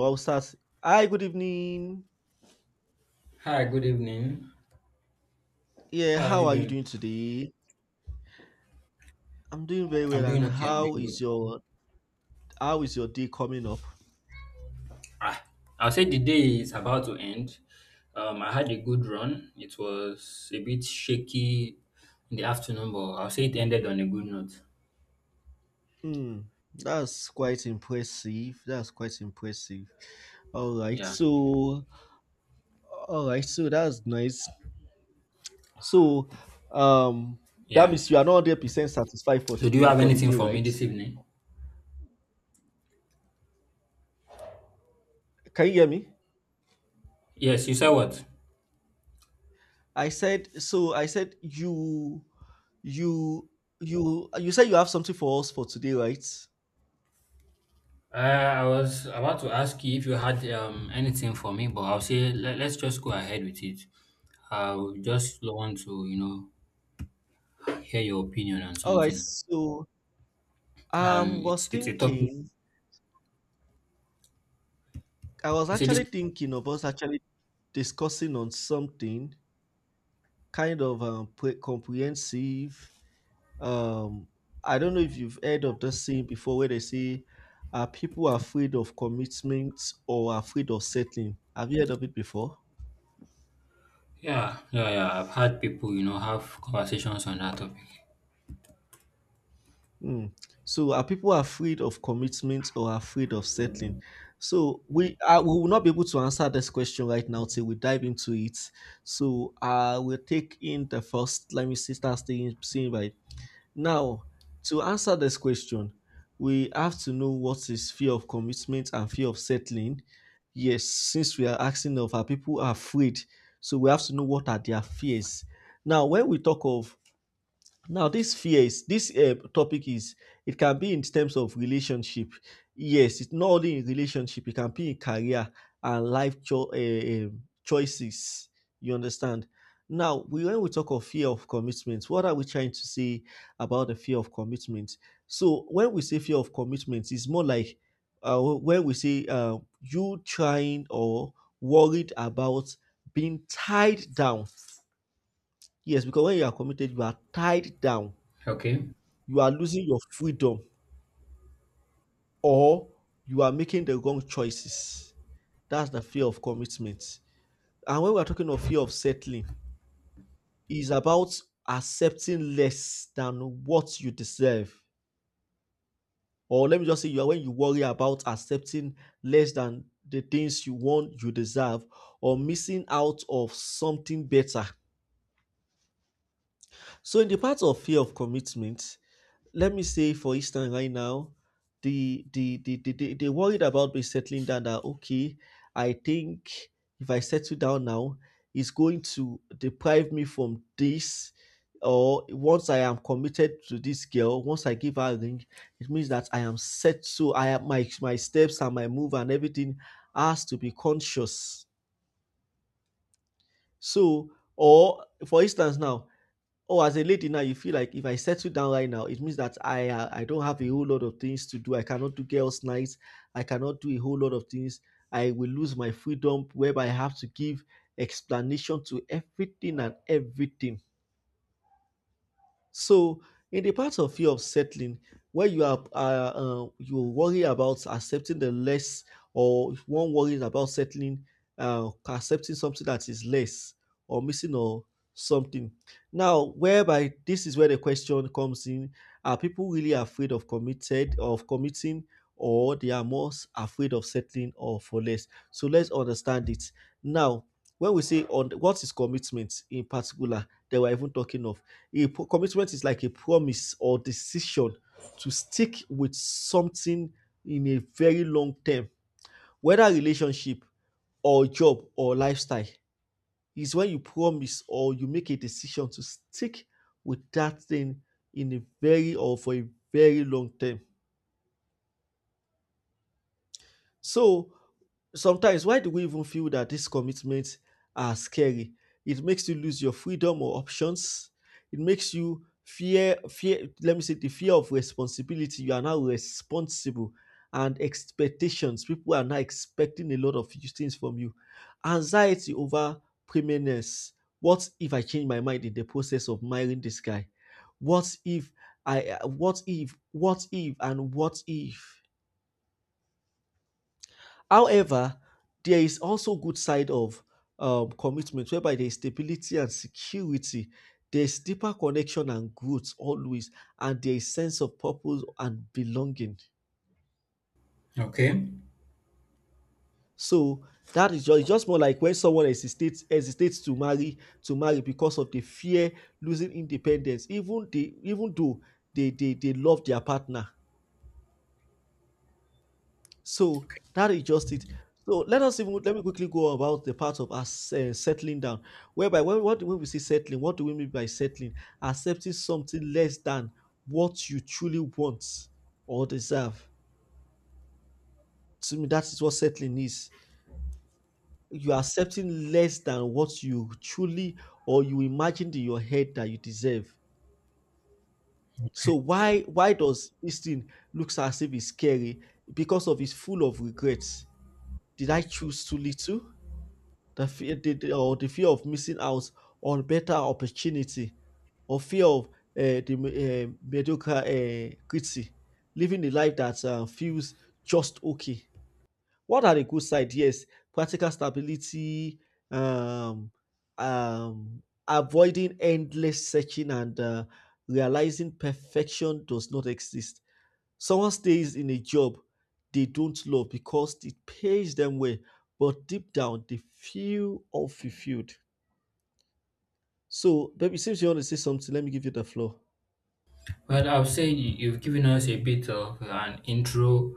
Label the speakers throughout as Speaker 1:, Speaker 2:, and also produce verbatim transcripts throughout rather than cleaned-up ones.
Speaker 1: Well, I'll start. Hi, good evening.
Speaker 2: Hi, good evening.
Speaker 1: Yeah,
Speaker 2: How are you
Speaker 1: how are you
Speaker 2: doing?
Speaker 1: doing today? I'm doing very
Speaker 2: I'm
Speaker 1: well. And
Speaker 2: doing okay. I'm
Speaker 1: how
Speaker 2: doing
Speaker 1: is
Speaker 2: good.
Speaker 1: your how is your day coming up?
Speaker 2: Ah, I'll say the day is about to end. Um, I had a good run. It was a bit shaky in the afternoon, but I'll say it ended on a good note.
Speaker 1: Hmm, that's quite impressive. That's quite impressive. All right,
Speaker 2: Yeah,
Speaker 1: so all right, so that's nice. So, um, that
Speaker 2: yeah.
Speaker 1: means you are not hundred percent satisfied for
Speaker 2: So, do you
Speaker 1: today
Speaker 2: have
Speaker 1: for the
Speaker 2: anything
Speaker 1: day,
Speaker 2: for me
Speaker 1: right?
Speaker 2: this evening?
Speaker 1: Can you hear me?
Speaker 2: Yes, you said what?
Speaker 1: I said so. I said you you you you said you have something for us for today, right?
Speaker 2: Uh, I was about to ask you if you had um anything for me, but I'll say let, let's just go ahead with it. I would just want to, you know, hear your opinion on
Speaker 1: All right,
Speaker 2: something.
Speaker 1: so Um,
Speaker 2: And
Speaker 1: was
Speaker 2: it's it's a topic
Speaker 1: thinking, I was
Speaker 2: I said this.
Speaker 1: actually thinking of us actually discussing on something kind of um, pre- comprehensive. Um, I don't know if you've heard of this thing before where they say uh, people are afraid of commitment or afraid of settling. Have you heard of it before?
Speaker 2: Yeah, yeah, yeah. I've had people, you know, have conversations on that topic.
Speaker 1: Mm. So are people afraid of commitment or afraid of settling? So we uh, we will not be able to answer this question right now till we dive into it. So uh, we'll take in the first. Let me see, start staying, seeing right now. To answer this question, we have to know what is fear of commitment and fear of settling. Yes, since we are asking of are people afraid, so we have to know what are their fears. Now, when we talk of now, this fears, this uh, topic is it can be in terms of relationship. Yes, it's not only in relationship; it can be in career and life cho- uh, choices. You understand? Now, we, when we talk of fear of commitment, what are we trying to say about the fear of commitment? So, when we say fear of commitment, it's more like uh, when we say uh, you trying or worried about being tied down. Yes, because when you are committed, you are tied down,
Speaker 2: Okay,
Speaker 1: you are losing your freedom or you are making the wrong choices. That's the fear of commitment. And when we are talking of fear of settling, is about accepting less than what you deserve. Or let me just say, you are when you worry about accepting less than the things you want, you deserve, or missing out of something better. So, in the part of fear of commitment, let me say for instance right now the the the, the, the they worried about me settling down that okay I think if I settle down now it's going to deprive me from this, or once I am committed to this girl, once I give her a ring it means that I am set, so I am my my steps and my move and everything has to be conscious, so or for instance now. Oh, as a lady now, you feel like if I settle down right now, it means that I uh, I don't have a whole lot of things to do. I cannot do girls' nights. I cannot do a whole lot of things. I will lose my freedom, whereby I have to give explanation to everything and everything. So, in the part of fear of settling, where you are, uh, uh, you worry about accepting the less, or if one worries about settling, uh, accepting something that is less or missing or something. Now, whereby this is where the question comes in: Are people really afraid of committed of committing, or they are more s- afraid of settling or for less? So let's understand it. Now, when we say on what is commitment in particular, they were even talking of a commitment is like a promise or decision to stick with something in a very long term, whether relationship or job or lifestyle. Is when you promise or you make a decision to stick with that thing in a very or for a very long term. So sometimes, why do we even feel that these commitments are scary? It makes you lose your freedom or options. It makes you fear, fear. Let me say the fear of responsibility. You are now responsible, and expectations. People are now expecting a lot of things from you. Anxiety over permanence. What if I change my mind in the process of marrying this guy? What if I? What if? What if? And what if? However, there is also good side of um commitment whereby there is stability and security, there is deeper connection and growth always, and there is sense of purpose and belonging.
Speaker 2: okay.
Speaker 1: So that is just, just more like when someone hesitates hesitates to marry to marry because of the fear losing independence, even they even though they they they love their partner. So that is just it. So let us even let me quickly go about the part of us uh, settling down. Whereby when what when we say settling, what do we mean by settling? Accepting something less than what you truly want or deserve. To me, that is what settling is. You are accepting less than what you truly or you imagined in your head that you deserve. So why why does this thing looks as if it's scary? Because of it's full of regrets. Did I choose too little? The fear the, the- or The fear of missing out on better opportunity, or fear of uh, the uh, mediocre uh, critique, living a life that uh, feels just okay. What are the good side? Yes, practical stability, um, um, avoiding endless searching, and uh, realizing perfection does not exist. Someone stays in a job they don't love because it pays them well, but deep down they feel unfulfilled. So, baby, since you want to say something, let me give you the floor.
Speaker 2: Well, I would say you- you've given us a bit of an intro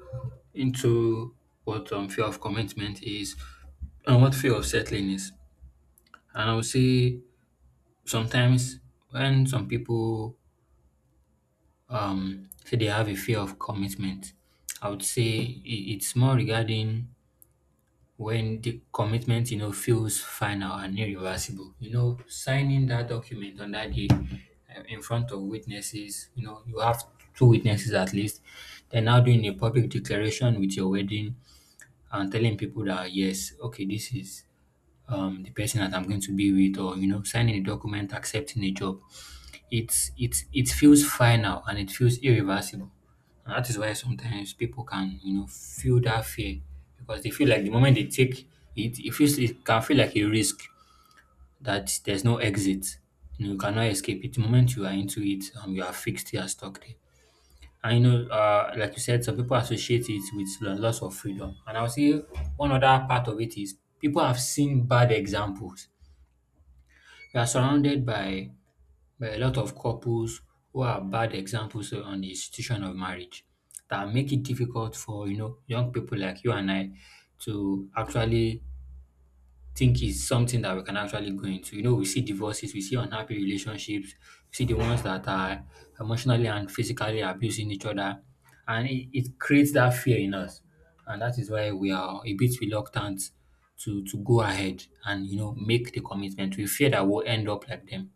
Speaker 2: into what um, fear of commitment is and what fear of settling is. And I would say sometimes when some people um, say they have a fear of commitment, I would say i- it's more regarding when the commitment, you know, feels final and irreversible. You know, signing that document on that day, uh, in front of witnesses, you know, you have two witnesses at least. They're now doing a public declaration with your wedding and telling people that, yes, okay, this is um the person that I'm going to be with, or, you know, signing a document accepting a job. It's it's it feels final and it feels irreversible. And that is why sometimes people can, you know, feel that fear, because they feel like the moment they take it, it feels it can feel like a risk that there's no exit. You know, you cannot escape it. The moment you are into it, um, you are fixed, you are stuck there. And you know, uh, like you said, some people associate it with the loss of freedom. And I'll say one other part of it is people have seen bad examples. We are surrounded by but a lot of couples who are bad examples on the institution of marriage, that make it difficult for, you know, young people like you and I to actually think is something that we can actually go into. You know, we see divorces, we see unhappy relationships, we see the ones that are emotionally and physically abusing each other, and it, it creates that fear in us, and that is why we are a bit reluctant to to go ahead and, you know, make the commitment. We fear that we'll end up like them.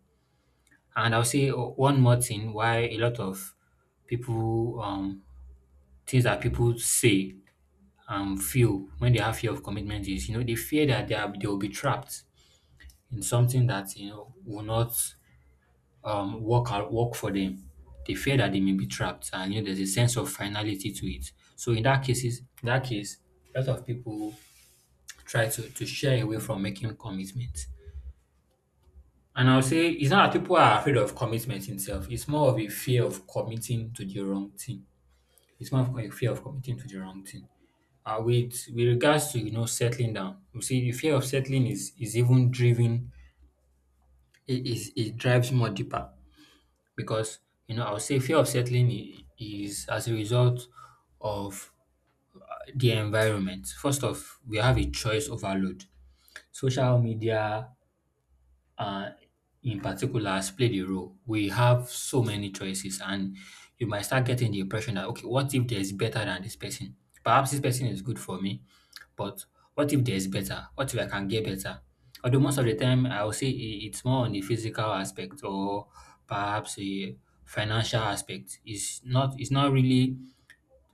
Speaker 2: And I'll say o- one more thing why a lot of people, um, things that people say and feel when they have fear of commitment is, you know, they fear that they, are, they will be trapped in something that, you know, will not um, work out, work for them. They fear that they may be trapped, and, you know, there's a sense of finality to it. So in that cases, in that case, a lot of people try to, to shy away from making commitments. And I'll say it's not that people are afraid of commitment itself. It's more of a fear of committing to the wrong thing. It's more of a fear of committing to the wrong thing. Uh, with with regards to, you know, settling down, you see the fear of settling is is even driven. It is it drives more deeper, because, you know, I would say fear of settling i- is as a result of the environment. First off, we have a choice overload. Social media, uh, in particular, has played a role. We have so many choices, and you might start getting the impression that, okay, what if there's better than this person? Perhaps this person is good for me, but what if there's better? What if I can get better? Although most of the time, I would say i- it's more on the physical aspect, or perhaps a financial aspect. It's not, it's not really,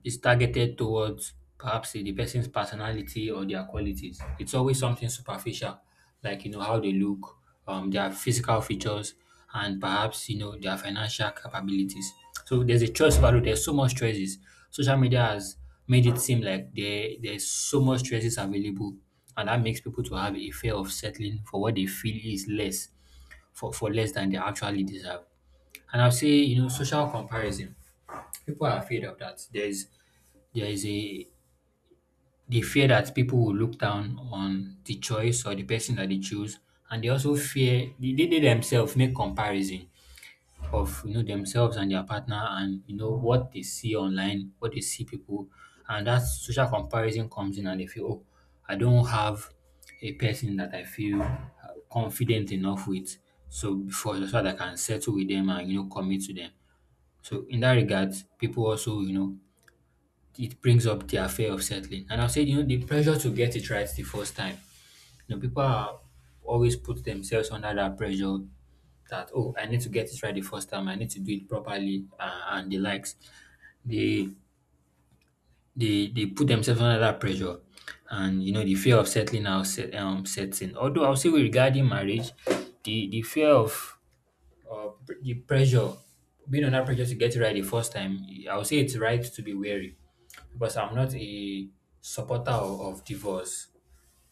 Speaker 2: it's targeted towards perhaps the person's personality or their qualities. It's always something superficial, like, you know, how they look, um, their physical features, and perhaps, you know, their financial capabilities. So there's a choice value. There's so much choices. Social media has made it seem like there there's so much choices available, and that makes people to have a fear of settling for what they feel is less, for, for less than they actually deserve. And I'll say, you know, social comparison. People are afraid of that. There's there is a, they fear that people will look down on the choice or the person that they choose, and they also fear they, they they themselves make comparison of, you know, themselves and their partner and, you know, what they see online, what they see people, and that social comparison comes in and they feel, oh, I don't have a person that I feel uh, confident enough with, so before so that I can settle with them and, you know, commit to them. So in that regard, people also, you know, it brings up their fear of settling. And I'll say, you know, the pressure to get it right the first time. You know, people are always put themselves under that pressure that, oh, I need to get it right the first time. I need to do it properly, uh, and the likes. They, they, they put themselves under that pressure. And, you know, the fear of settling now set, um, sets in. Although I'll say regarding marriage, the, the fear of, uh, the pressure, being under pressure to get it right the first time, I'll say it's right to be wary, because I'm not a supporter of, of divorce,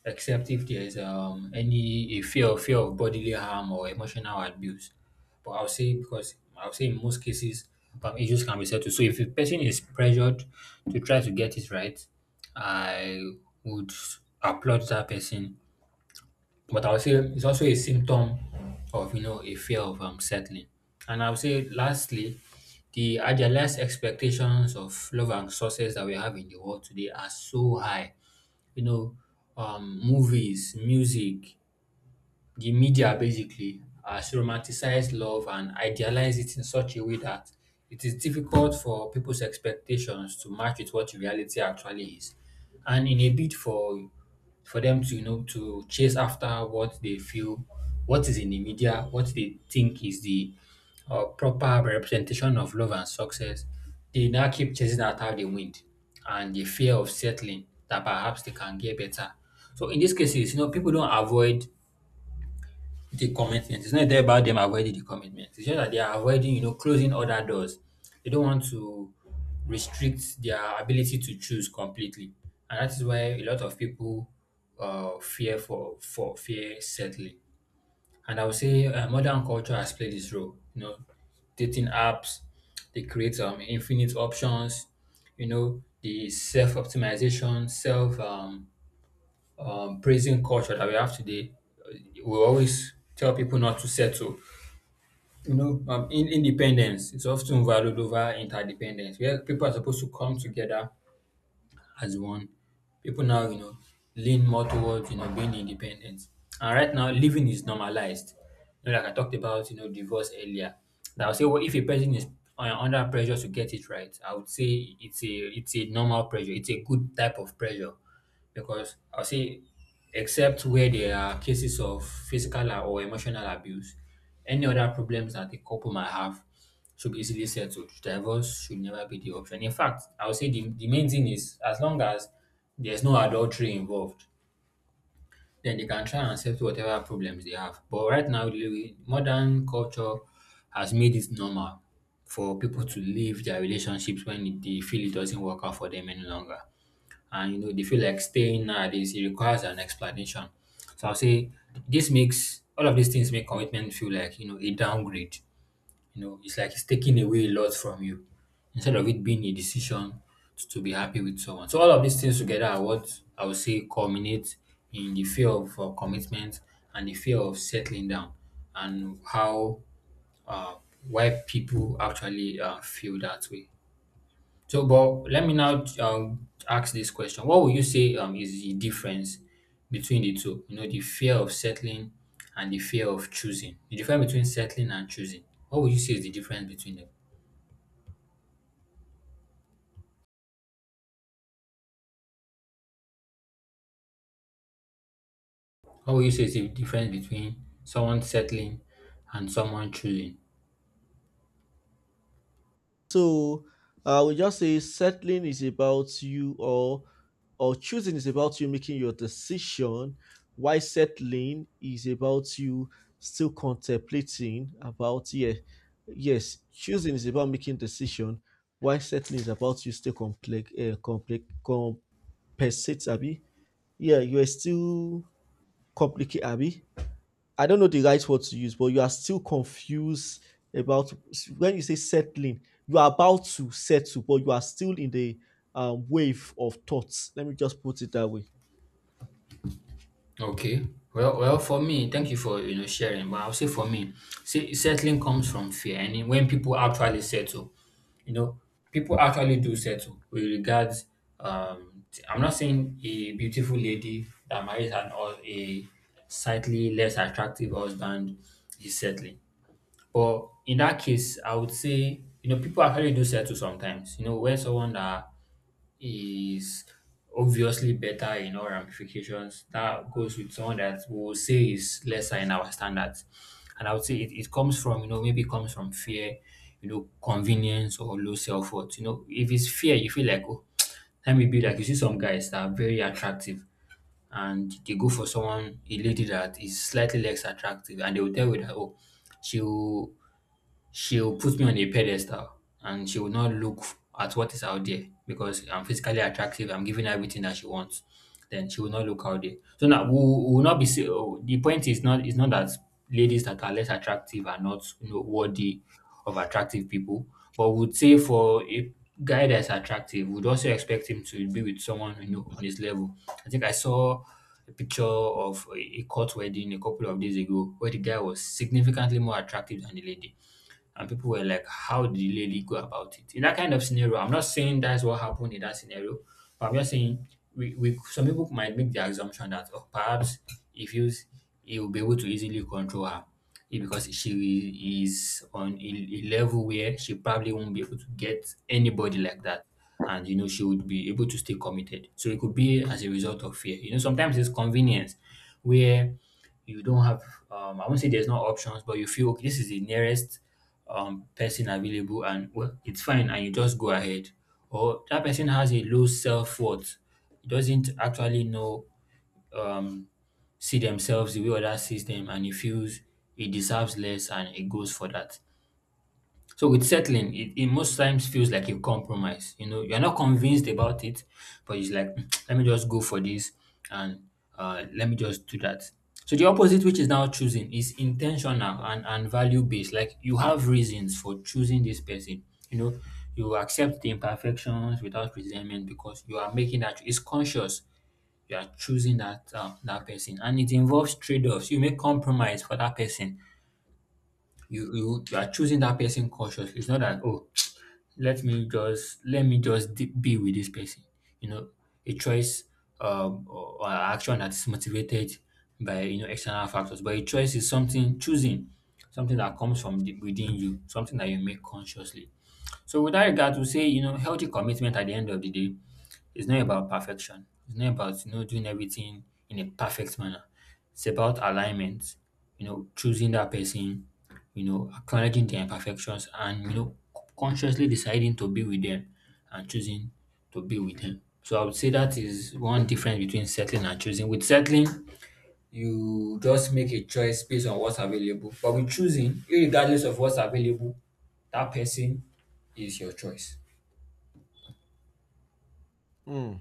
Speaker 2: except if there's um any a fear fear of bodily harm or emotional abuse. But I'll say, because I'll say, in most cases, um, issues can be settled. So if a person is pressured to try to get it right, I would applaud that person, but I would say it's also a symptom of, you know, a fear of um, settling. And I would say, lastly, the idealized expectations of love and success that we have in the world today are so high. You know, um, movies, music, the media basically has romanticized love and idealized it in such a way that it is difficult for people's expectations to match with what reality actually is. And in a bid for for them to, you know, to chase after what they feel, what is in the media, what they think is the uh, proper representation of love and success, they now keep chasing after the wind, and the fear of settling that perhaps they can get better. So in these cases, you know, people don't avoid the commitment. It's not there about them avoiding the commitment. It's just that they are avoiding, you know, closing other doors. They don't want to restrict their ability to choose completely, and that is why a lot of people uh, fear for for fear settling. And I would say uh, modern culture has played this role. You know, dating apps, they create um, infinite options. You know, the self optimization, self um, um, prison culture that we have today, uh, we always tell people not to settle. You know, um, in, independence is often valued over interdependence, where people are supposed to come together as one. People now, you know, lean more towards, you know, being independent. And right now, living is normalized. You know, like I talked about, you know, divorce earlier. That I'll say, well, if a person is un- under pressure to get it right, I would say it's a it's a normal pressure. It's a good type of pressure, because I'll say, except where there are cases of physical or emotional abuse, any other problems that a couple might have should be easily settled. Divorce should never be the option. In fact, I would say the, the main thing is, as long as there's no adultery involved, then they can try and settle whatever problems they have. But right now, the modern culture has made it normal for people to leave their relationships when they feel it doesn't work out for them any longer. And, you know, they feel like staying nowadays, it requires an explanation. So I'll say this makes all of these things make commitment feel like, you know, a downgrade, you know, it's like it's taking away a lot from you, instead of it being a decision to, to be happy with someone. So all of these things together are what I would say culminate in the fear of uh, commitment and the fear of settling down, and how, uh, why people actually uh, feel that way. So, but let me now um, ask this question: what would you say um, is the difference between the two? You know, the fear of settling and the fear of choosing. The difference between settling and choosing. What would you say is the difference between them? What would you say is the difference between someone settling and someone choosing?
Speaker 1: So I would just say settling is about you, or or choosing is about you making your decision. Why settling is about you still contemplating about yeah, yes, choosing is about making decision. Why settling is about you still complex uh, complex compensate Abby. Yeah, you are still complicate Abby. I don't know the right word to use, but you are still confused about when you say settling, you are about to settle, but you are still in the um, wave of thoughts. Let me just put it that way.
Speaker 2: Okay. Well, well, for me, thank you for you know sharing. But I'll say for me, see, settling comes from fear, and then when people actually settle, you know, people actually do settle with regards. Um, t- I'm not saying a beautiful lady that marries an or a slightly less attractive husband is settling, but in that case, I would say you know people actually do settle sometimes. You know, when someone that is obviously better in all ramifications. That goes with someone that we will say is lesser in our standards. And I would say it, it comes from, you know, maybe it comes from fear, you know, convenience or low self worth. You know, if it's fear, you feel like, oh, let me be like, you see some guys that are very attractive and they go for someone, a lady that is slightly less attractive, and they will tell you that, oh, she'll she'll put me on a pedestal and she will not look at what is out there because I'm physically attractive. I'm giving her everything that she wants. Then she will not look out there. So now we will we will not be. say- oh, The point is not it's not that ladies that are less attractive are not you know, worthy of attractive people, but we would say for a guy that's attractive, we would also expect him to be with someone you know on his level. I think I saw a picture of a a court wedding a couple of days ago where the guy was significantly more attractive than the lady and people were like, how did the lady go about it? In that kind of scenario, I'm not saying that's what happened in that scenario, but I'm just saying we, we some people might make the assumption that oh, perhaps if you he will be able to easily control her eh, because she is on a, a level where she probably won't be able to get anybody like that. And you know, she would be able to stay committed. So it could be as a result of fear. You know, sometimes it's convenience where you don't have um, I won't say there's no options, but you feel okay, this is the nearest um, person available and well, it's fine and you just go ahead. Or that person has a low self worth, doesn't actually know, um, see themselves the way others sees them, and he feels he deserves less and he goes for that. So with settling, it, it most times feels like a compromise. You know, you're not convinced about it, but it's like, let me just go for this and uh, let me just do that. So the opposite, which is now choosing, is intentional and, and value based. Like you have reasons for choosing this person. You know, you accept the imperfections without resentment because you are making that. It's conscious. You are choosing that uh, that person, and it involves trade offs. You make compromise for that person. You, you you are choosing that person consciously. It's not that oh let me just let me just d- be with this person you know a choice um, or, or action that is motivated by you know external factors, but a choice is something, choosing something that comes from the, within you, something that you make consciously. So with that regard, to say you know healthy commitment at the end of the day, it's not about perfection. It's not about you know doing everything in a perfect manner. It's about alignment. You know, choosing that person. You know, acknowledging their imperfections and you know consciously deciding to be with them and choosing to be with them. So I would say that is one difference between settling and choosing. With settling, you just make a choice based on what's available. But with choosing, regardless of what's available, that person is your choice.
Speaker 1: Hmm.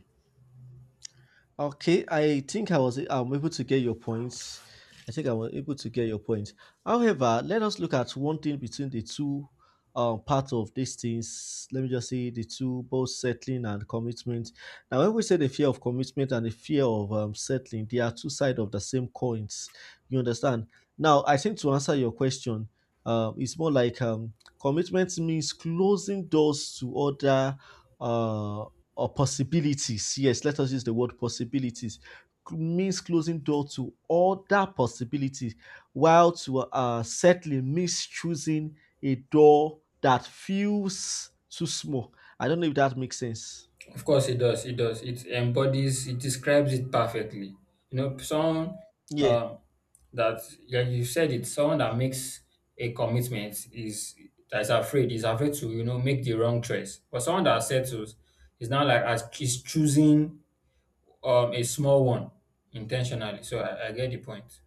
Speaker 1: Okay, I think I was I'm able to get your points. I think I was able to get your points. However, let us look at one thing between the two um, part of these things. Let me just say the two, both settling and commitment. Now, when we say the fear of commitment and the fear of um, settling, they are two sides of the same coins. You understand? Now, I think to answer your question, um, it's more like um, commitment means closing doors to other uh, or possibilities. Yes, let us use the word possibilities, means closing door to other possibilities, while to uh, settling means choosing a door that feels too small. I don't know if that makes sense.
Speaker 2: Of course, it does. It does. It embodies. It describes it perfectly. You know, someone
Speaker 1: Yeah,
Speaker 2: um, that yeah, you said it. Someone that makes a commitment is that is afraid. Is afraid to you know make the wrong choice. But someone that settles is now like as is choosing um a small one intentionally. So I, I get the point.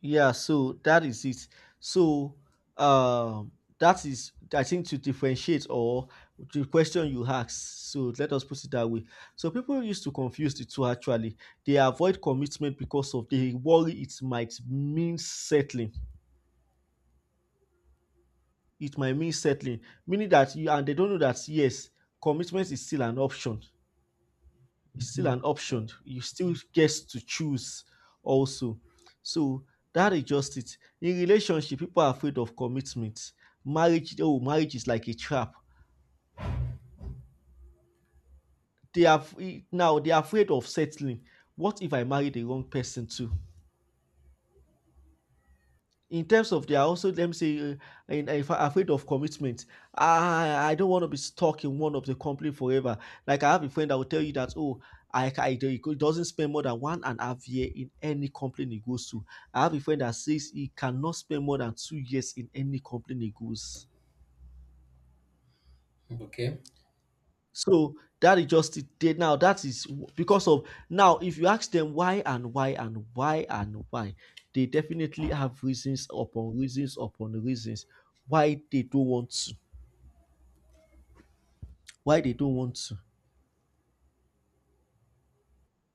Speaker 1: yeah, so that is it. So um that is I think to differentiate, or the question you asked. So let us put it that way. So people used to confuse the two actually. They avoid commitment because of they worry it might mean settling. It might mean settling, meaning that you and they don't know that yes, commitment is still an option. It's still an
Speaker 2: Mhm.
Speaker 1: option. You still get to choose also. So that is just it. In relationship, people are afraid of commitment. Marriage, oh, marriage is like a trap. They are now they are afraid of settling. What if I marry the wrong person too? In terms of they are also, let me say uh, in, in fa- afraid of commitment. I i don't want to be stuck in one of the company forever. Like, I have a friend that will tell you that oh i I- he doesn't spend more than one and a half year in any company he goes to. I have a friend that says he cannot spend more than two years in any company he goes.
Speaker 2: Okay.
Speaker 1: So that is just it there, now that is w- because of, now if you ask them why and why and why and why, they definitely have reasons upon reasons upon reasons why they don't want to, why they don't want to.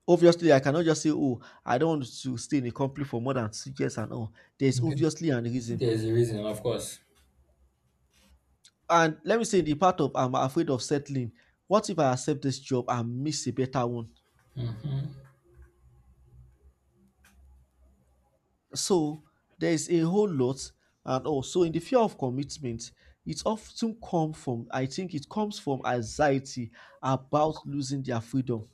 Speaker 1: Obviously, I cannot just say, "Oh, I don't want to stay in a company for more than six years and all." There's
Speaker 2: Okay.
Speaker 1: obviously an reason.
Speaker 2: There's a reason, of course.
Speaker 1: And let me say the part of I'm afraid of settling. What if I accept this job and miss a better one? So there's a whole lot, and also in the fear of commitment, it often comes from I think it comes from anxiety about losing their freedom.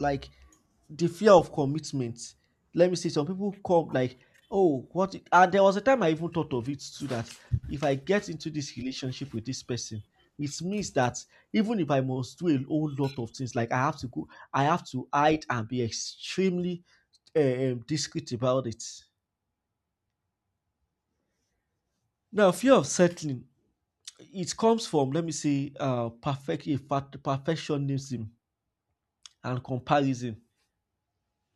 Speaker 1: Like the fear of commitment. Let me say some people come like, "Oh, what if-" and there was a time I even thought of it too that if I get into this relationship with this person, it means that even if I must do a whole lot of things, like I have to go, I have to hide and be extremely um, discreet about it. Now, fear of settling it comes from let me say uh, perfect a fact- perfectionism and comparison.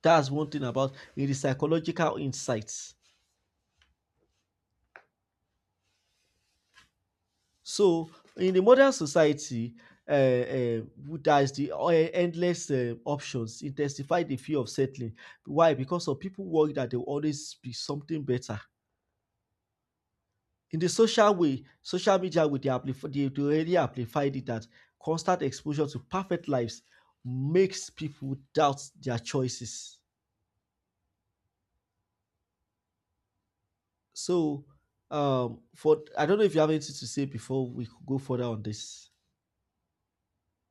Speaker 1: That's one thing about in the psychological insights. So in the modern society, uh, uh, there is the uh, endless uh, options intensify the fear of settling. Why? Because of people worry that there will always be something better in the social way, social media with the amplif- they, they already amplified it that constant exposure to perfect lives makes people doubt their choices. So, um, for I don't know if you have anything to say before we could go further on this.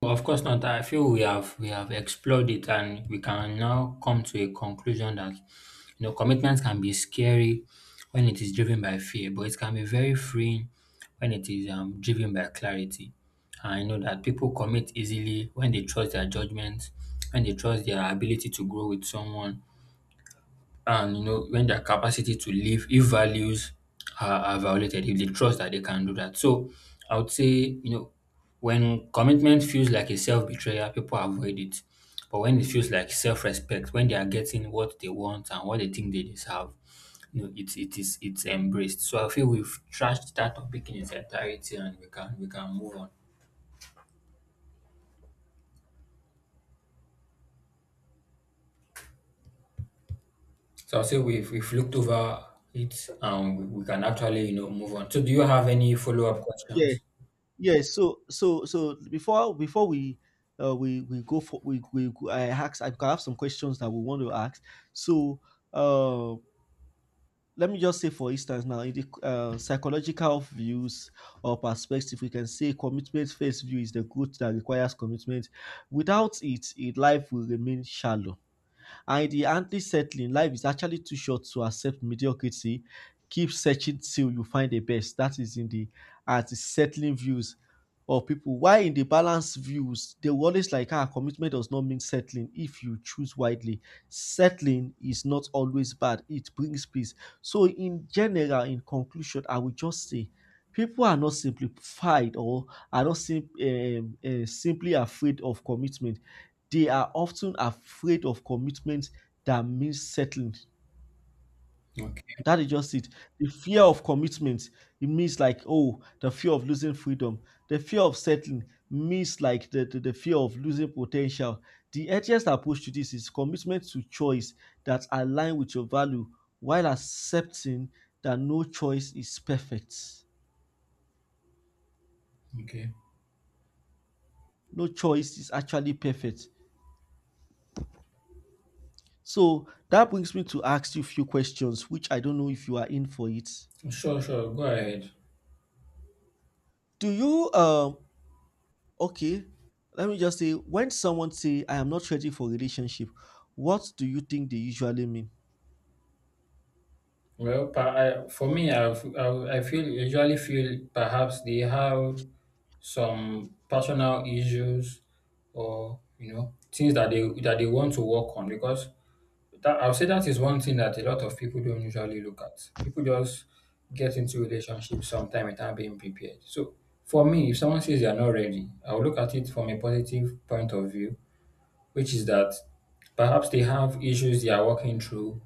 Speaker 2: Well, of course not. I feel we have we have explored it and we can now come to a conclusion that you know commitment can be scary when it is driven by fear, but it can be very freeing when it is um, driven by clarity. I know that people commit easily when they trust their judgment, when they trust their ability to grow with someone, and you know when their capacity to live if values are, are violated, if they trust that they can do that. So I would say you know when commitment feels like a self-betrayal, people avoid it, but when it feels like self-respect, when they are getting what they want and what they think they deserve, you know it, it is it's embraced. So I feel we've trashed that topic in its entirety, and we can we can move on. So I'll say we've, we've looked over it, and we, we can actually you know move on. So do you have any follow-up
Speaker 1: Yeah,
Speaker 2: questions?
Speaker 1: yeah. So, so, so before before we uh, we we go for we we go- I ask I have some questions that we want to ask. So, uh, let me just say for instance now in the uh, psychological views or perspective we can say commitment first view is the good that requires commitment without it, it life will remain shallow and in the ideally settling. Life is actually too short to accept mediocrity. Keep searching till you find the best. That is in the at the settling views of people. Why in the balance views, they will always like, "Ah, commitment does not mean settling if you choose widely. Settling is not always bad, it brings peace." So, in general, in conclusion, I will just say people are not simplified or are not sim- um, uh, simply afraid of commitment. They are often afraid of commitment that means settling.
Speaker 2: Okay.
Speaker 1: That is just it. The fear of commitment, it means like, "Oh, the fear of losing freedom." The fear of settling means like the, the, the fear of losing potential. The earliest approach to this is commitment to choice that align with your value while accepting that no choice is perfect.
Speaker 2: Okay.
Speaker 1: No choice is actually perfect. So that brings me to ask you a few questions, which I don't know if you are in for it.
Speaker 2: Sure, sure. Go ahead.
Speaker 1: Do you um Okay, let me just say when someone say, "I am not ready for relationship," what do you think they usually mean?
Speaker 2: Well, per- I, for me, I, f- I, I feel usually feel perhaps they have some personal issues or you know things that they that they want to work on, because that I'll say that is one thing that a lot of people don't usually look at. People just get into relationships sometime without being prepared. So for me, if someone says they are not ready, I'll look at it from a positive point of view, which is that perhaps they have issues they are working through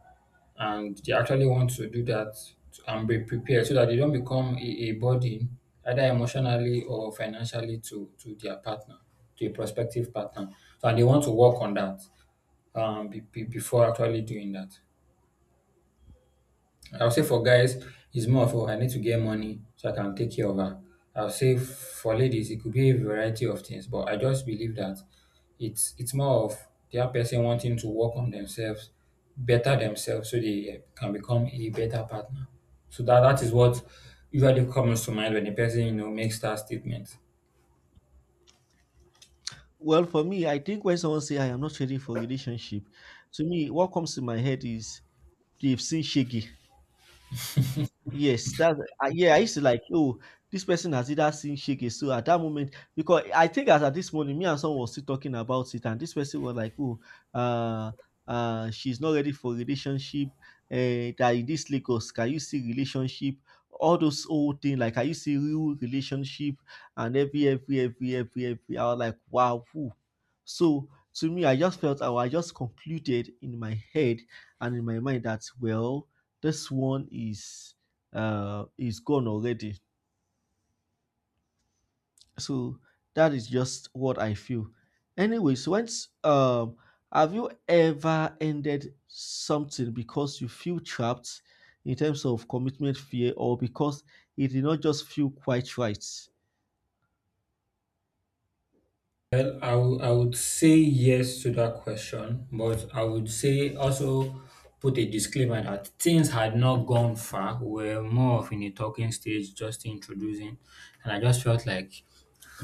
Speaker 2: and they actually want to do that to- and be prepared, so that they don't become a, a burden either emotionally or financially to to their partner, to a prospective partner, so, and they want to work on that um, be, be- before actually doing that. I will say for guys, it's more of, oh, I need to get money so I can take care of her. I will say for ladies, it could be a variety of things, but I just believe that it's it's more of the person wanting to work on themselves, better themselves, so they can become a better partner. So that that is what usually comes to mind when a person you know makes that statement.
Speaker 1: Well, for me, I think when someone say, "I am not ready for relationship," to me what comes to my head is they've seen Shaggy. Yes, that uh, yeah, I used to like, "Oh, this person has either seen Shege." So at that moment, because I think as at this morning, me and someone was still talking about it, and this person was like, "Oh, uh, uh, she's not ready for relationship. Uh, that in this Lagos, can you see relationship?" All those old thing, like can you see real relationship? And every every every every every, I was like, "Wow. Whew." So to me, I just felt, I just concluded in my head and in my mind that well, this one is uh, is gone already. So that is just what I feel. Anyways, once um, have you ever ended something because you feel trapped in terms of commitment fear or because it did not just feel quite right?
Speaker 2: Well, I wou- I would say yes to that question, but I would say also put a disclaimer that things had not gone far. We were more of in a talking stage, just introducing, and I just felt like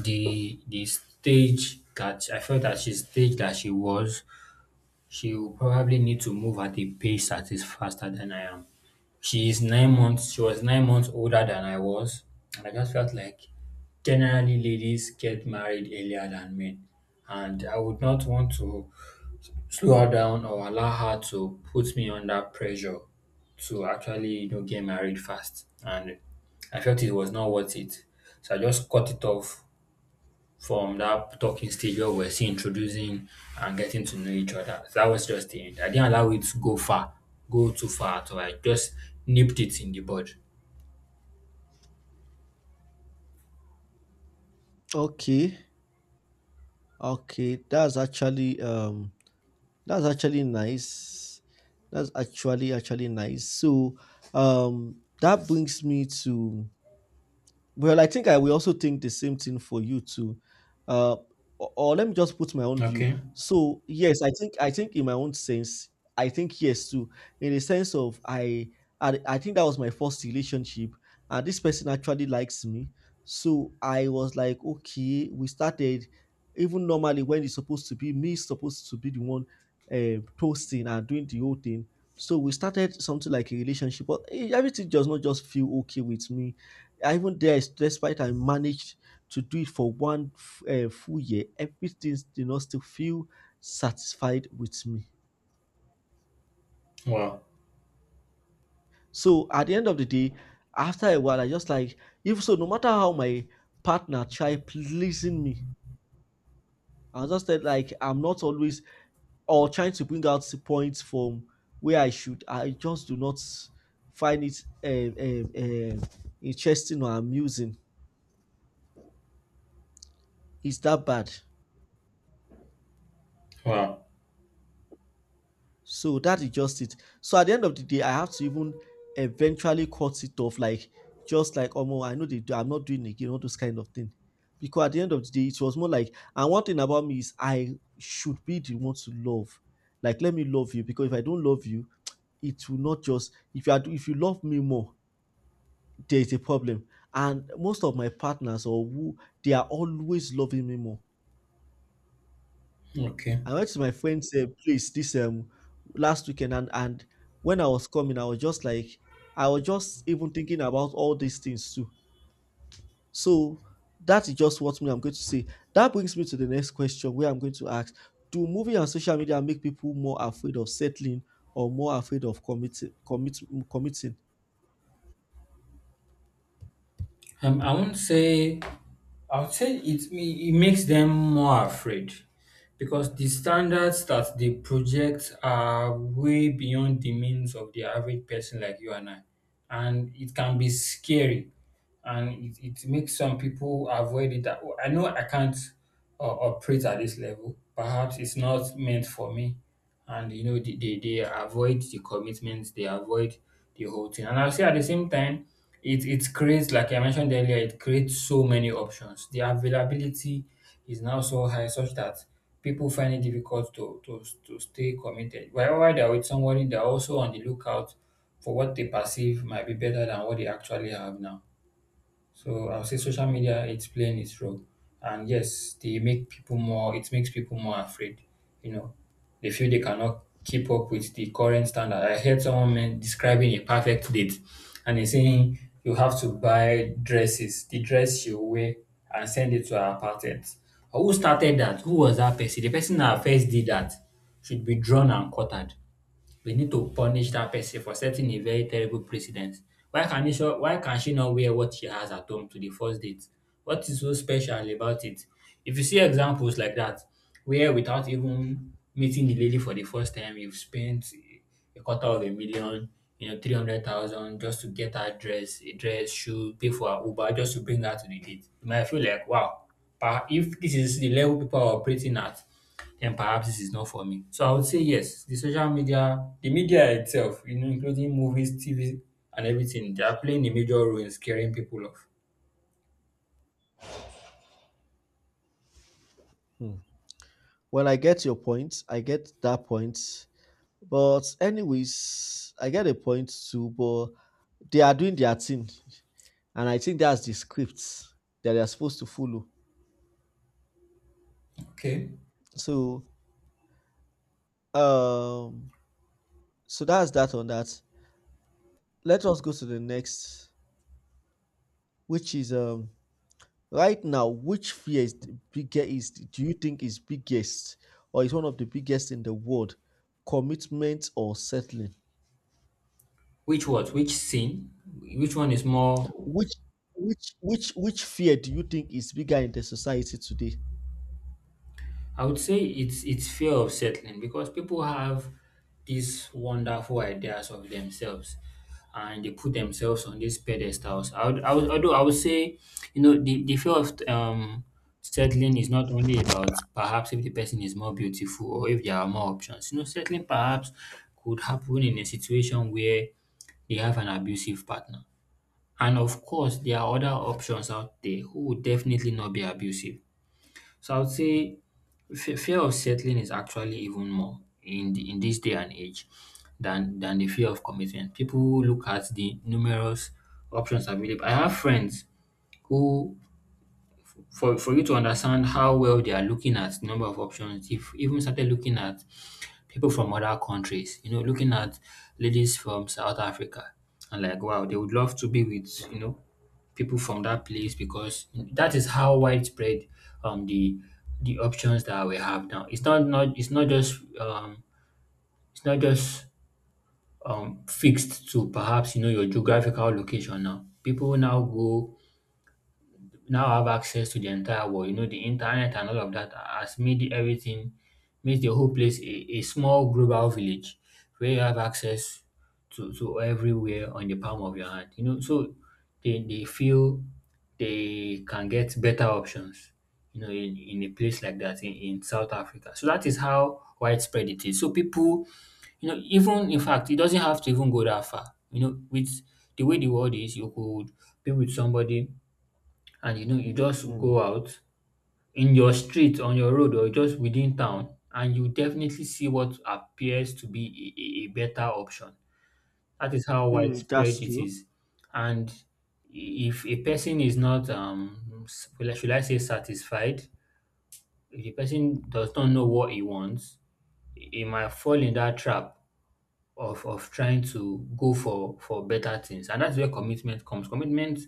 Speaker 2: the the stage that I felt that she's stage that she was she'll probably need to move at a pace that is faster than I am. She is nine months she was nine months older than I was, and I just felt like generally ladies get married earlier than men. And I would not want to slow her down or allow her to put me under pressure to actually, you know, get married fast. And I felt it was not worth it. So I just cut it off from that talking stage where we're still introducing and getting to know each other. So that was just the end. I didn't allow it to go far, go too far at all. I just nipped it in the bud.
Speaker 1: Okay, okay, that's actually um, that's actually nice. That's actually actually nice. So um, that brings me to well, I think I will also think the same thing for you too. Uh, or, or let me just put my own view.
Speaker 2: Okay.
Speaker 1: So yes, I think I think in my own sense, I think yes too. In the sense of I, I, I think that was my first relationship, and this person actually likes me. So I was like, "Okay, we started." Even normally, when it's supposed to be me, supposed to be the one uh, toasting and doing the whole thing. So we started something like a relationship, but eh, everything does not just feel okay with me even there, despite I managed to do it for one uh, full year, everything did not still feel satisfied with me.
Speaker 2: Wow.
Speaker 1: So at the end of the day, after a while, I just like, if so, no matter how my partner try pleasing me, I just said like I'm not always or trying to bring out the points from where I should. I just do not find it um, um, um, interesting or amusing. It's that bad.
Speaker 2: Wow.
Speaker 1: So that is just it. So at the end of the day, I have to even eventually cut it off, like just like, "Oh no, I know they do, I'm not doing it." Again, all those kind of thing. Because at the end of the day, it was more like and one thing about me is I should be the one to love. Like let me love you because if I don't love you, it will not just if you are if you love me more, there is a problem. And most of my partners or who they are always loving me more.
Speaker 2: Okay.
Speaker 1: I went to my friend's uh, place this um last weekend, and and when I was coming, I was just like, I was just even thinking about all these things too. So that is just what me I'm going to say. That brings me to the next question, where I'm going to ask: do movie and social media make people more afraid of settling or more afraid of committing? Commit, committing?
Speaker 2: Um, I won't say. I would say it. It makes them more afraid because the standards that they project are way beyond the means of the average person like you and I, and it can be scary. And it, it makes some people avoid it that, "Oh, I know I can't uh, operate at this level, perhaps it's not meant for me." And you know they, they, they avoid the commitments, they avoid the whole thing. And I'll say at the same time it, it creates, like I mentioned earlier, it creates so many options. The availability is now so high such that people find it difficult to to, to stay committed. while while they're with somebody, they're also on the lookout for what they perceive might be better than what they actually have now. So I'll say social media, it's playing its role, and yes, they make people more. It makes people more afraid. You know, they feel they cannot keep up with the current standard. I heard someone men- describing a perfect date, and he's saying you have to buy dresses, the dress she will wear, and send it to her apartment. Who started that? Who was that person? The person that first did that should be drawn and quartered. We need to punish that person for setting a very terrible precedent. Why can he so why can she not wear what she has at home to the first date? What is so special about it? If you see examples like that, where without even meeting the lady for the first time, you've spent a quarter of a million, you know, three hundred thousand just to get her dress, a dress, shoe, pay for her Uber, just to bring her to the date. You might feel like, wow, but if this is the level people are operating at, then perhaps this is not for me. So I would say yes, the social media, the media itself, you know, including movies, T V, and everything, they are playing a major role in scaring people off.
Speaker 1: Hmm. Well, I get your point. I get that point. But anyways, I get a point too. But they are doing their thing, and I think that's the script that they are supposed to follow.
Speaker 2: Okay.
Speaker 1: So um so that's that on that. Let us go to the next, which is um right now, which fear is the biggest is do you think is biggest or is one of the biggest in the world? Commitment or settling?
Speaker 2: Which what? Which scene? Which one is more?
Speaker 1: Which which which which fear do you think is bigger in the society today?
Speaker 2: I would say it's it's fear of settling because people have these wonderful ideas of themselves and they put themselves on these pedestals. I would, I would, although I would say, you know, the, the fear of um, settling is not only about perhaps if the person is more beautiful or if there are more options. You know, settling perhaps could happen in a situation where they have an abusive partner. And of course, there are other options out there who would definitely not be abusive. So I would say fe- fear of settling is actually even more in the, in this day and age than than the fear of commitment. People look at the numerous options available. I have friends who, for for you to understand how well they are looking at number of options, if even started looking at people from other countries, you know, looking at ladies from South Africa and like, wow, they would love to be with, you know, people from that place because that is how widespread um the the options that we have now. It's not not it's not just um it's not just um fixed to perhaps you know your geographical location now. People now go now have access to the entire world. You know, the internet and all of that has made everything, made the whole place a, a small global village where you have access to, to everywhere on the palm of your hand. You know, so they, they feel they can get better options, you know, in, in a place like that in, in South Africa. So that is how widespread it is. So people, you know, even in fact, it doesn't have to even go that far. You know, with the way the world is, you could be with somebody and you know you just
Speaker 1: Mm.
Speaker 2: go out in your street on your road or just within town and you definitely see what appears to be a, a a better option. That is how
Speaker 1: Mm,
Speaker 2: widespread
Speaker 1: that's
Speaker 2: it
Speaker 1: true.
Speaker 2: is. And if a person is not um s- well, should I say satisfied, if the person does not know what he wants, he might fall in that trap of of trying to go for for better things. And that's where commitment comes commitment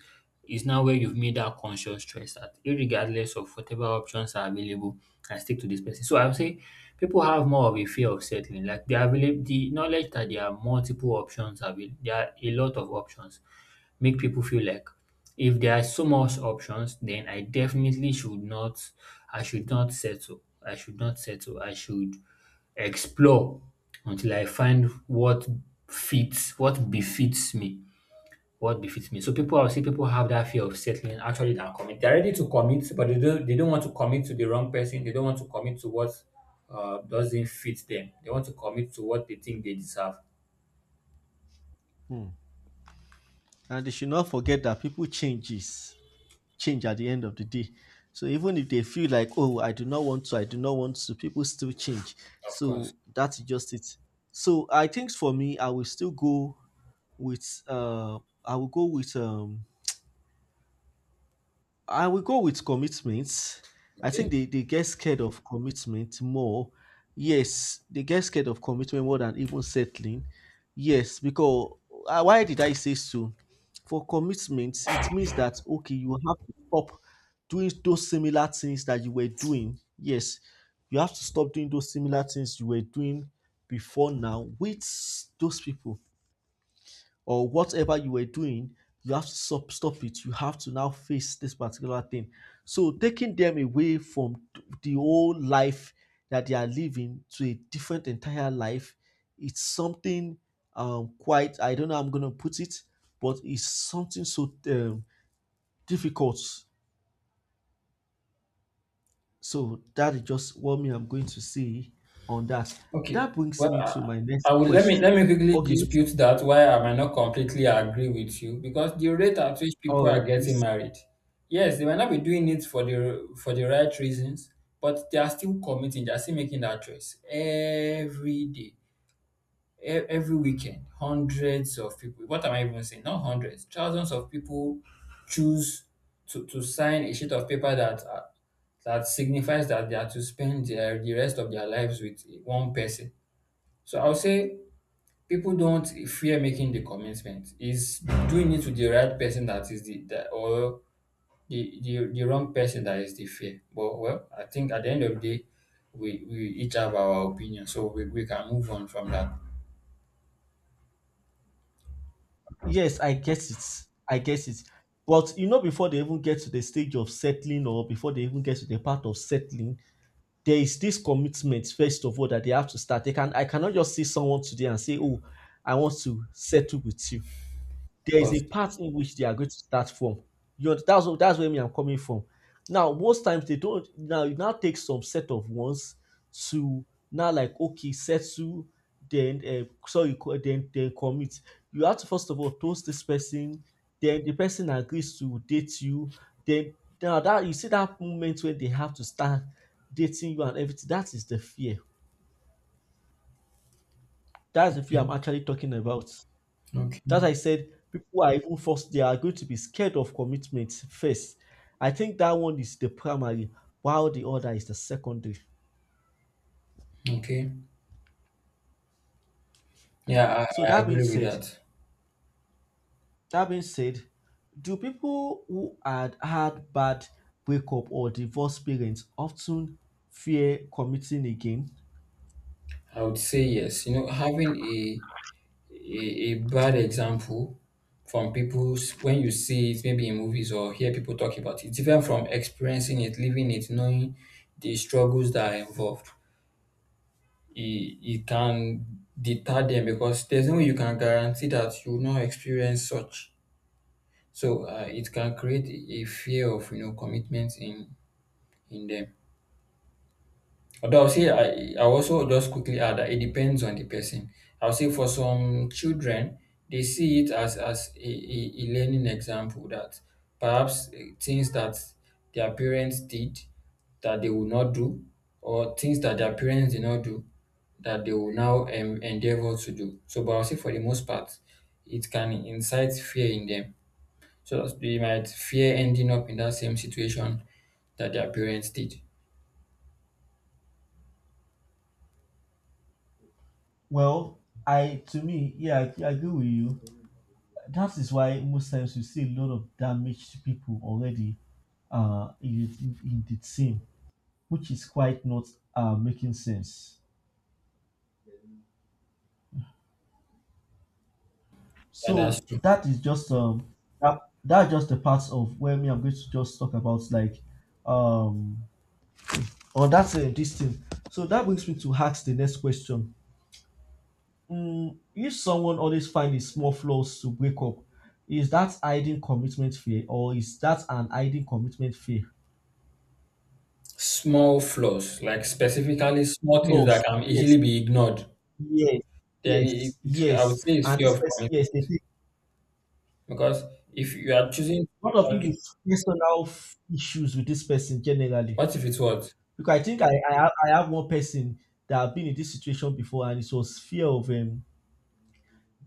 Speaker 2: is now where you've made that conscious choice that irregardless of whatever options are available, I stick to this person. So I would say people have more of a fear of settling. Like they, available the knowledge that there are multiple options available, there are a lot of options, make people feel like if there are so much options, then I definitely should not. I should not settle. I should not settle. I should explore until I find what fits, what befits me. What befits me. So people, I see people have that fear of settling. Actually, than commit. They're ready to commit, but they don't. They don't want to commit to the wrong person. They don't want to commit to what uh, doesn't fit them. They want to commit to what they think they deserve.
Speaker 1: Mm. And they should not forget that people changes. Change at the end of the day. So even if they feel like, "Oh, I do not want to, I do not want to," people still change.
Speaker 2: Of course.
Speaker 1: So that's just it. So I think for me, I will still go with uh I will go with um I will go with commitments. I
Speaker 2: Okay.
Speaker 1: think they, they get scared of commitment more. Yes, they get scared of commitment more than even settling. Yes, because uh, why did I say so? For commitments, it means that okay, you have to stop doing those similar things that you were doing. Yes, you have to stop doing those similar things you were doing before now with those people or whatever you were doing, you have to stop, stop it. You have to now face this particular thing. So taking them away from the old life that they are living to a different entire life, it's something um, quite, I don't know how I'm going to put it, but it's something so um, difficult. So that is just what me I'm going to say on that.
Speaker 2: Okay.
Speaker 1: That brings
Speaker 2: Well,
Speaker 1: me to my next
Speaker 2: I will, let me
Speaker 1: question.
Speaker 2: let me quickly
Speaker 1: Okay,
Speaker 2: dispute that why I might not completely agree with you, because the rate at which people
Speaker 1: all
Speaker 2: are
Speaker 1: right,
Speaker 2: getting
Speaker 1: please.
Speaker 2: married, yes, they might not be doing it for the for the right reasons, but they are still committing, they are still making that choice every day, e- every weekend. Hundreds of people. What am I even saying? Not hundreds, thousands of people choose to to sign a sheet of paper that uh, that signifies that they are to spend their, the rest of their lives with one person. So I'll say people don't fear making the commitment. Is doing it to the right person that is the, that or the, the the wrong person that is the fear. But well, I think at the end of the day, we, we each have our opinion, so we, we can move on from that.
Speaker 1: Yes, I get it. I get it. But you know, before they even get to the stage of settling or before they even get to the part of settling, there is this commitment, first of all, that they have to start. They can I cannot just see someone today and say, "Oh, I want to settle with you." There is a
Speaker 2: But
Speaker 1: part in which they are going to start from. You know, that's what that's where me I'm coming from. Now, most times they don't now it now take some set of ones to now like okay, settle, then uh, sorry, co- then then commit. You have to first of all toast this person, then the person agrees to date you, then now that you see that moment when they have to start dating you and everything, that is the fear. That's the fear
Speaker 2: okay,
Speaker 1: I'm actually talking about.
Speaker 2: okay,
Speaker 1: That I said, people are even forced, they are going to be scared of commitment first. I think that one is the primary, while the other is the secondary.
Speaker 2: okay. Yeah,
Speaker 1: So
Speaker 2: I, I
Speaker 1: that being
Speaker 2: agree with
Speaker 1: said,
Speaker 2: that.
Speaker 1: that being said, do people who had had bad breakup or divorce parents often fear committing again?
Speaker 2: I would say yes. You know, having a a, a bad example from people s- when you see it maybe in movies or hear people talk about it. It's different from experiencing it, living it, knowing the struggles that are involved. It, it can deter them because there's no way you can guarantee that you will not experience such. So uh, it can create a a fear of you know commitment in in them. Although I'll say I I also just quickly add that it depends on the person. I'll say for some children, they see it as as a, a, a learning example that perhaps eh, things that their parents did that they will not do, or things that their parents did not do that they will now um, endeavor to do. So, but I'll say for the most part, it can incite fear in them. So that they might fear ending up in that same situation that their parents did.
Speaker 1: Well, I to me, yeah, I, I agree with you. That is why most times you see a lot of damaged people already uh in, in the team, which is quite not uh, making sense.
Speaker 2: And that's.
Speaker 1: So that is just um that that's just the parts of where me I'm going to just talk about like um on that uh, this thing. So that brings me to ask the next question. Mm, if someone always finds small flaws to break up, is that hiding commitment fear or is that an hiding commitment fear?
Speaker 2: Small flaws, like specifically small things
Speaker 1: Flaws,
Speaker 2: that can easily
Speaker 1: yes,
Speaker 2: be ignored,
Speaker 1: yes,
Speaker 2: then it,
Speaker 1: yes,
Speaker 2: it- I would
Speaker 1: yes.
Speaker 2: say it's
Speaker 1: And
Speaker 2: fear
Speaker 1: this
Speaker 2: of
Speaker 1: person,
Speaker 2: commitment.
Speaker 1: yes, they
Speaker 2: Because if you are choosing,
Speaker 1: what of if
Speaker 2: like,
Speaker 1: it's personal f- issues with this person generally?
Speaker 2: what if it's what?
Speaker 1: Because I think I, I have I have one person that have been in this situation before, and it was fear of um.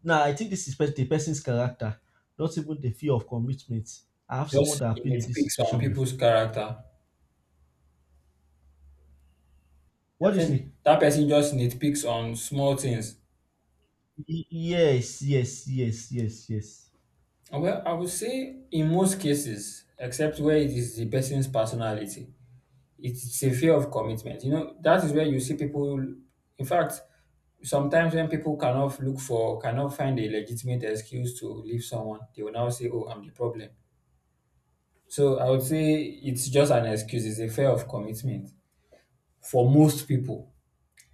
Speaker 1: Now I think this is pers- the person's character, not even the fear of commitment. I have someone
Speaker 2: Just
Speaker 1: that have been in this
Speaker 2: nitpicks on
Speaker 1: situation before.
Speaker 2: people's character.
Speaker 1: What
Speaker 2: You're
Speaker 1: do you
Speaker 2: saying
Speaker 1: say?
Speaker 2: that person just nitpicks on small things.
Speaker 1: Y- Yes, yes, yes, yes, yes.
Speaker 2: Well, I would say in most cases, except where it is the person's personality. It's a fear of commitment. You know, that is where you see people. In fact, sometimes when people cannot look for, cannot find a legitimate excuse to leave someone, they will now say, "Oh, I'm the problem." So I would say it's just an excuse. It's a fear of commitment for most people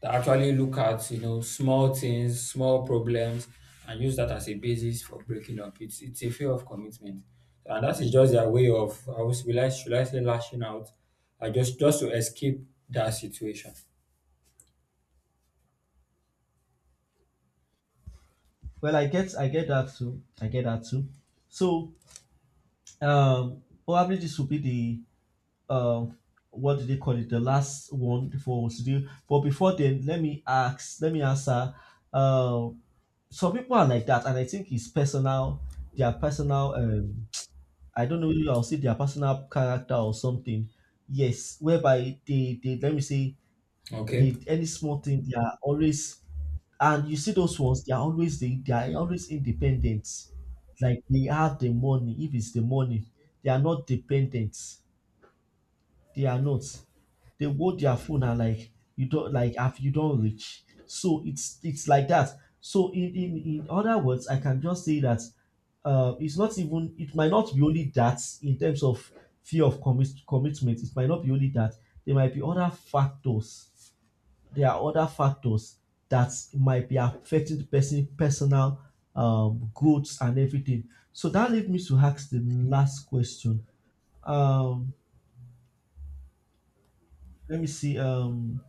Speaker 2: that actually look at you know small things, small problems, and use that as a basis for breaking up. It's it's a fear of commitment, and that is just their way of I was will I should I say lashing out, I just just to escape that situation.
Speaker 1: Well, I get I get that too. I get that too. So um, probably this will be the uh, what did they call it? The last one for us to do. But before then, let me ask, let me answer. Uh, some people are like that, and I think it's personal. Their personal, um, I don't know. I'll say their personal character or something. Yes, whereby they, they let me say,
Speaker 2: Okay.
Speaker 1: they any small thing they are always and you see those ones they are always they, they are always independent like they have the money if it's the money they are not dependent they are not. They hold their phone and like you don't like have you don't reach. So it's it's like that. So in in, in other words, I can just say that uh, it's not even it might not be only that in terms of fear of commit, commitment. It might not be only that. There might be other factors. There are other factors that might be affecting the person personal um, growth and everything. So that leads me to ask the last question. Um, let me see. Um,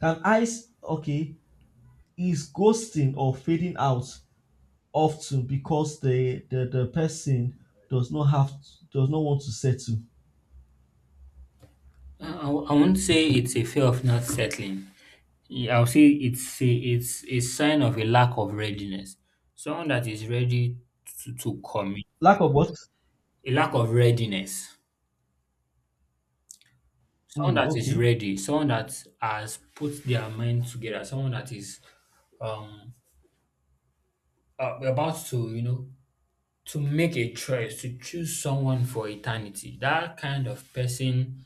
Speaker 1: Can eyes okay is ghosting or fading out often because the the, the person does not have does not want to settle?
Speaker 2: I, I I won't say it's a fear of not settling. Yeah, I'll say it's a, it's a sign of a lack of readiness. Someone that is ready to, to commit,
Speaker 1: Lack of what?
Speaker 2: a lack of readiness. Someone
Speaker 1: Hmm.
Speaker 2: that is
Speaker 1: Okay.
Speaker 2: ready, someone that has put their mind together, someone that is um uh, about to, you know, to make a choice, to choose someone for eternity. That kind of person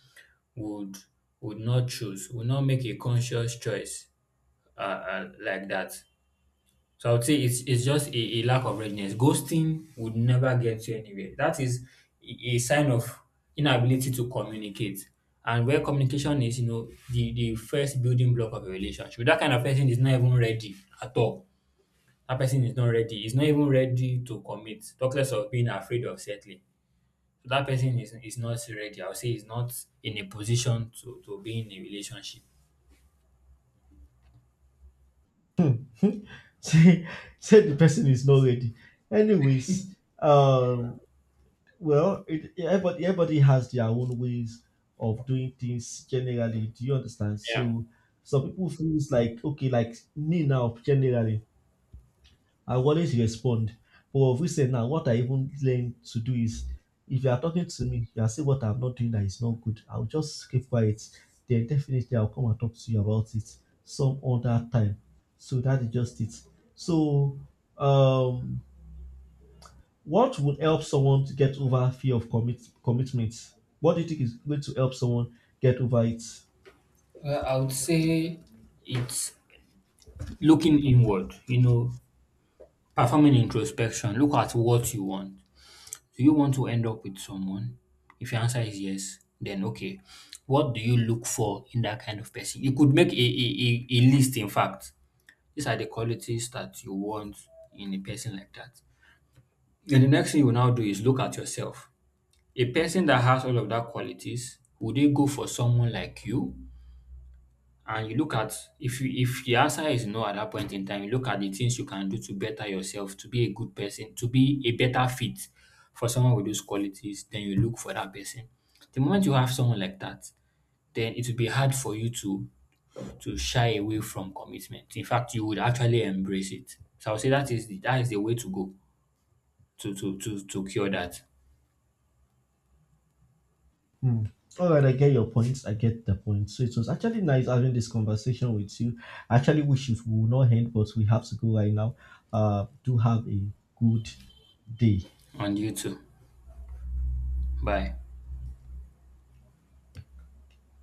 Speaker 2: would would not choose, would not make a conscious choice uh, uh, like that. So I would say it's it's just a, a lack of readiness. Ghosting would never get you anywhere. That is a a sign of inability to communicate. And where communication is, you know, the, the first building block of a relationship. That kind of person is not even ready at all. That person is not ready. Is not even ready to commit. Talk less of being afraid of settling. So that person is, is not ready. I would say is not in a position to, to be in a relationship.
Speaker 1: Say say the person is not ready. Anyways, um well it everybody everybody has their own ways of doing things generally. Do you understand?
Speaker 2: Yeah.
Speaker 1: So some people feels like okay, like me now generally. I will always respond. But of recent now, what I even learned to do is if you are talking to me, you are saying what I'm not doing that is not good, I'll just keep quiet. Then definitely I'll come and talk to you about it some other time. So that is just it. So um what would help someone to get over fear of commit commitment? What do you think is going to help someone get over it?
Speaker 2: Well, I would say it's looking inward. You know, performing introspection, look at what you want. Do you want to end up with someone? If your answer is yes, then okay. What do you look for in that kind of person? You could make a, a, a, a list, in fact. These are the qualities that you want in a person like that. Then the next thing you will now do is look at yourself. A person that has all of that qualities, would they go for someone like you? And you look at if you, if the answer is no at that point in time, you look at the things you can do to better yourself, to be a good person, to be a better fit for someone with those qualities, then you look for that person. The moment you have someone like that, then it will be hard for you to to shy away from commitment. In fact, you would actually embrace it. So I would say that is the, that is the way to go to to to to cure that.
Speaker 1: Hmm. All right, I get your points. I get the points. So it was actually nice having this conversation with you. I actually wish it would not end, but we have to go right now. Uh, do have a good day.
Speaker 2: And you too. Bye.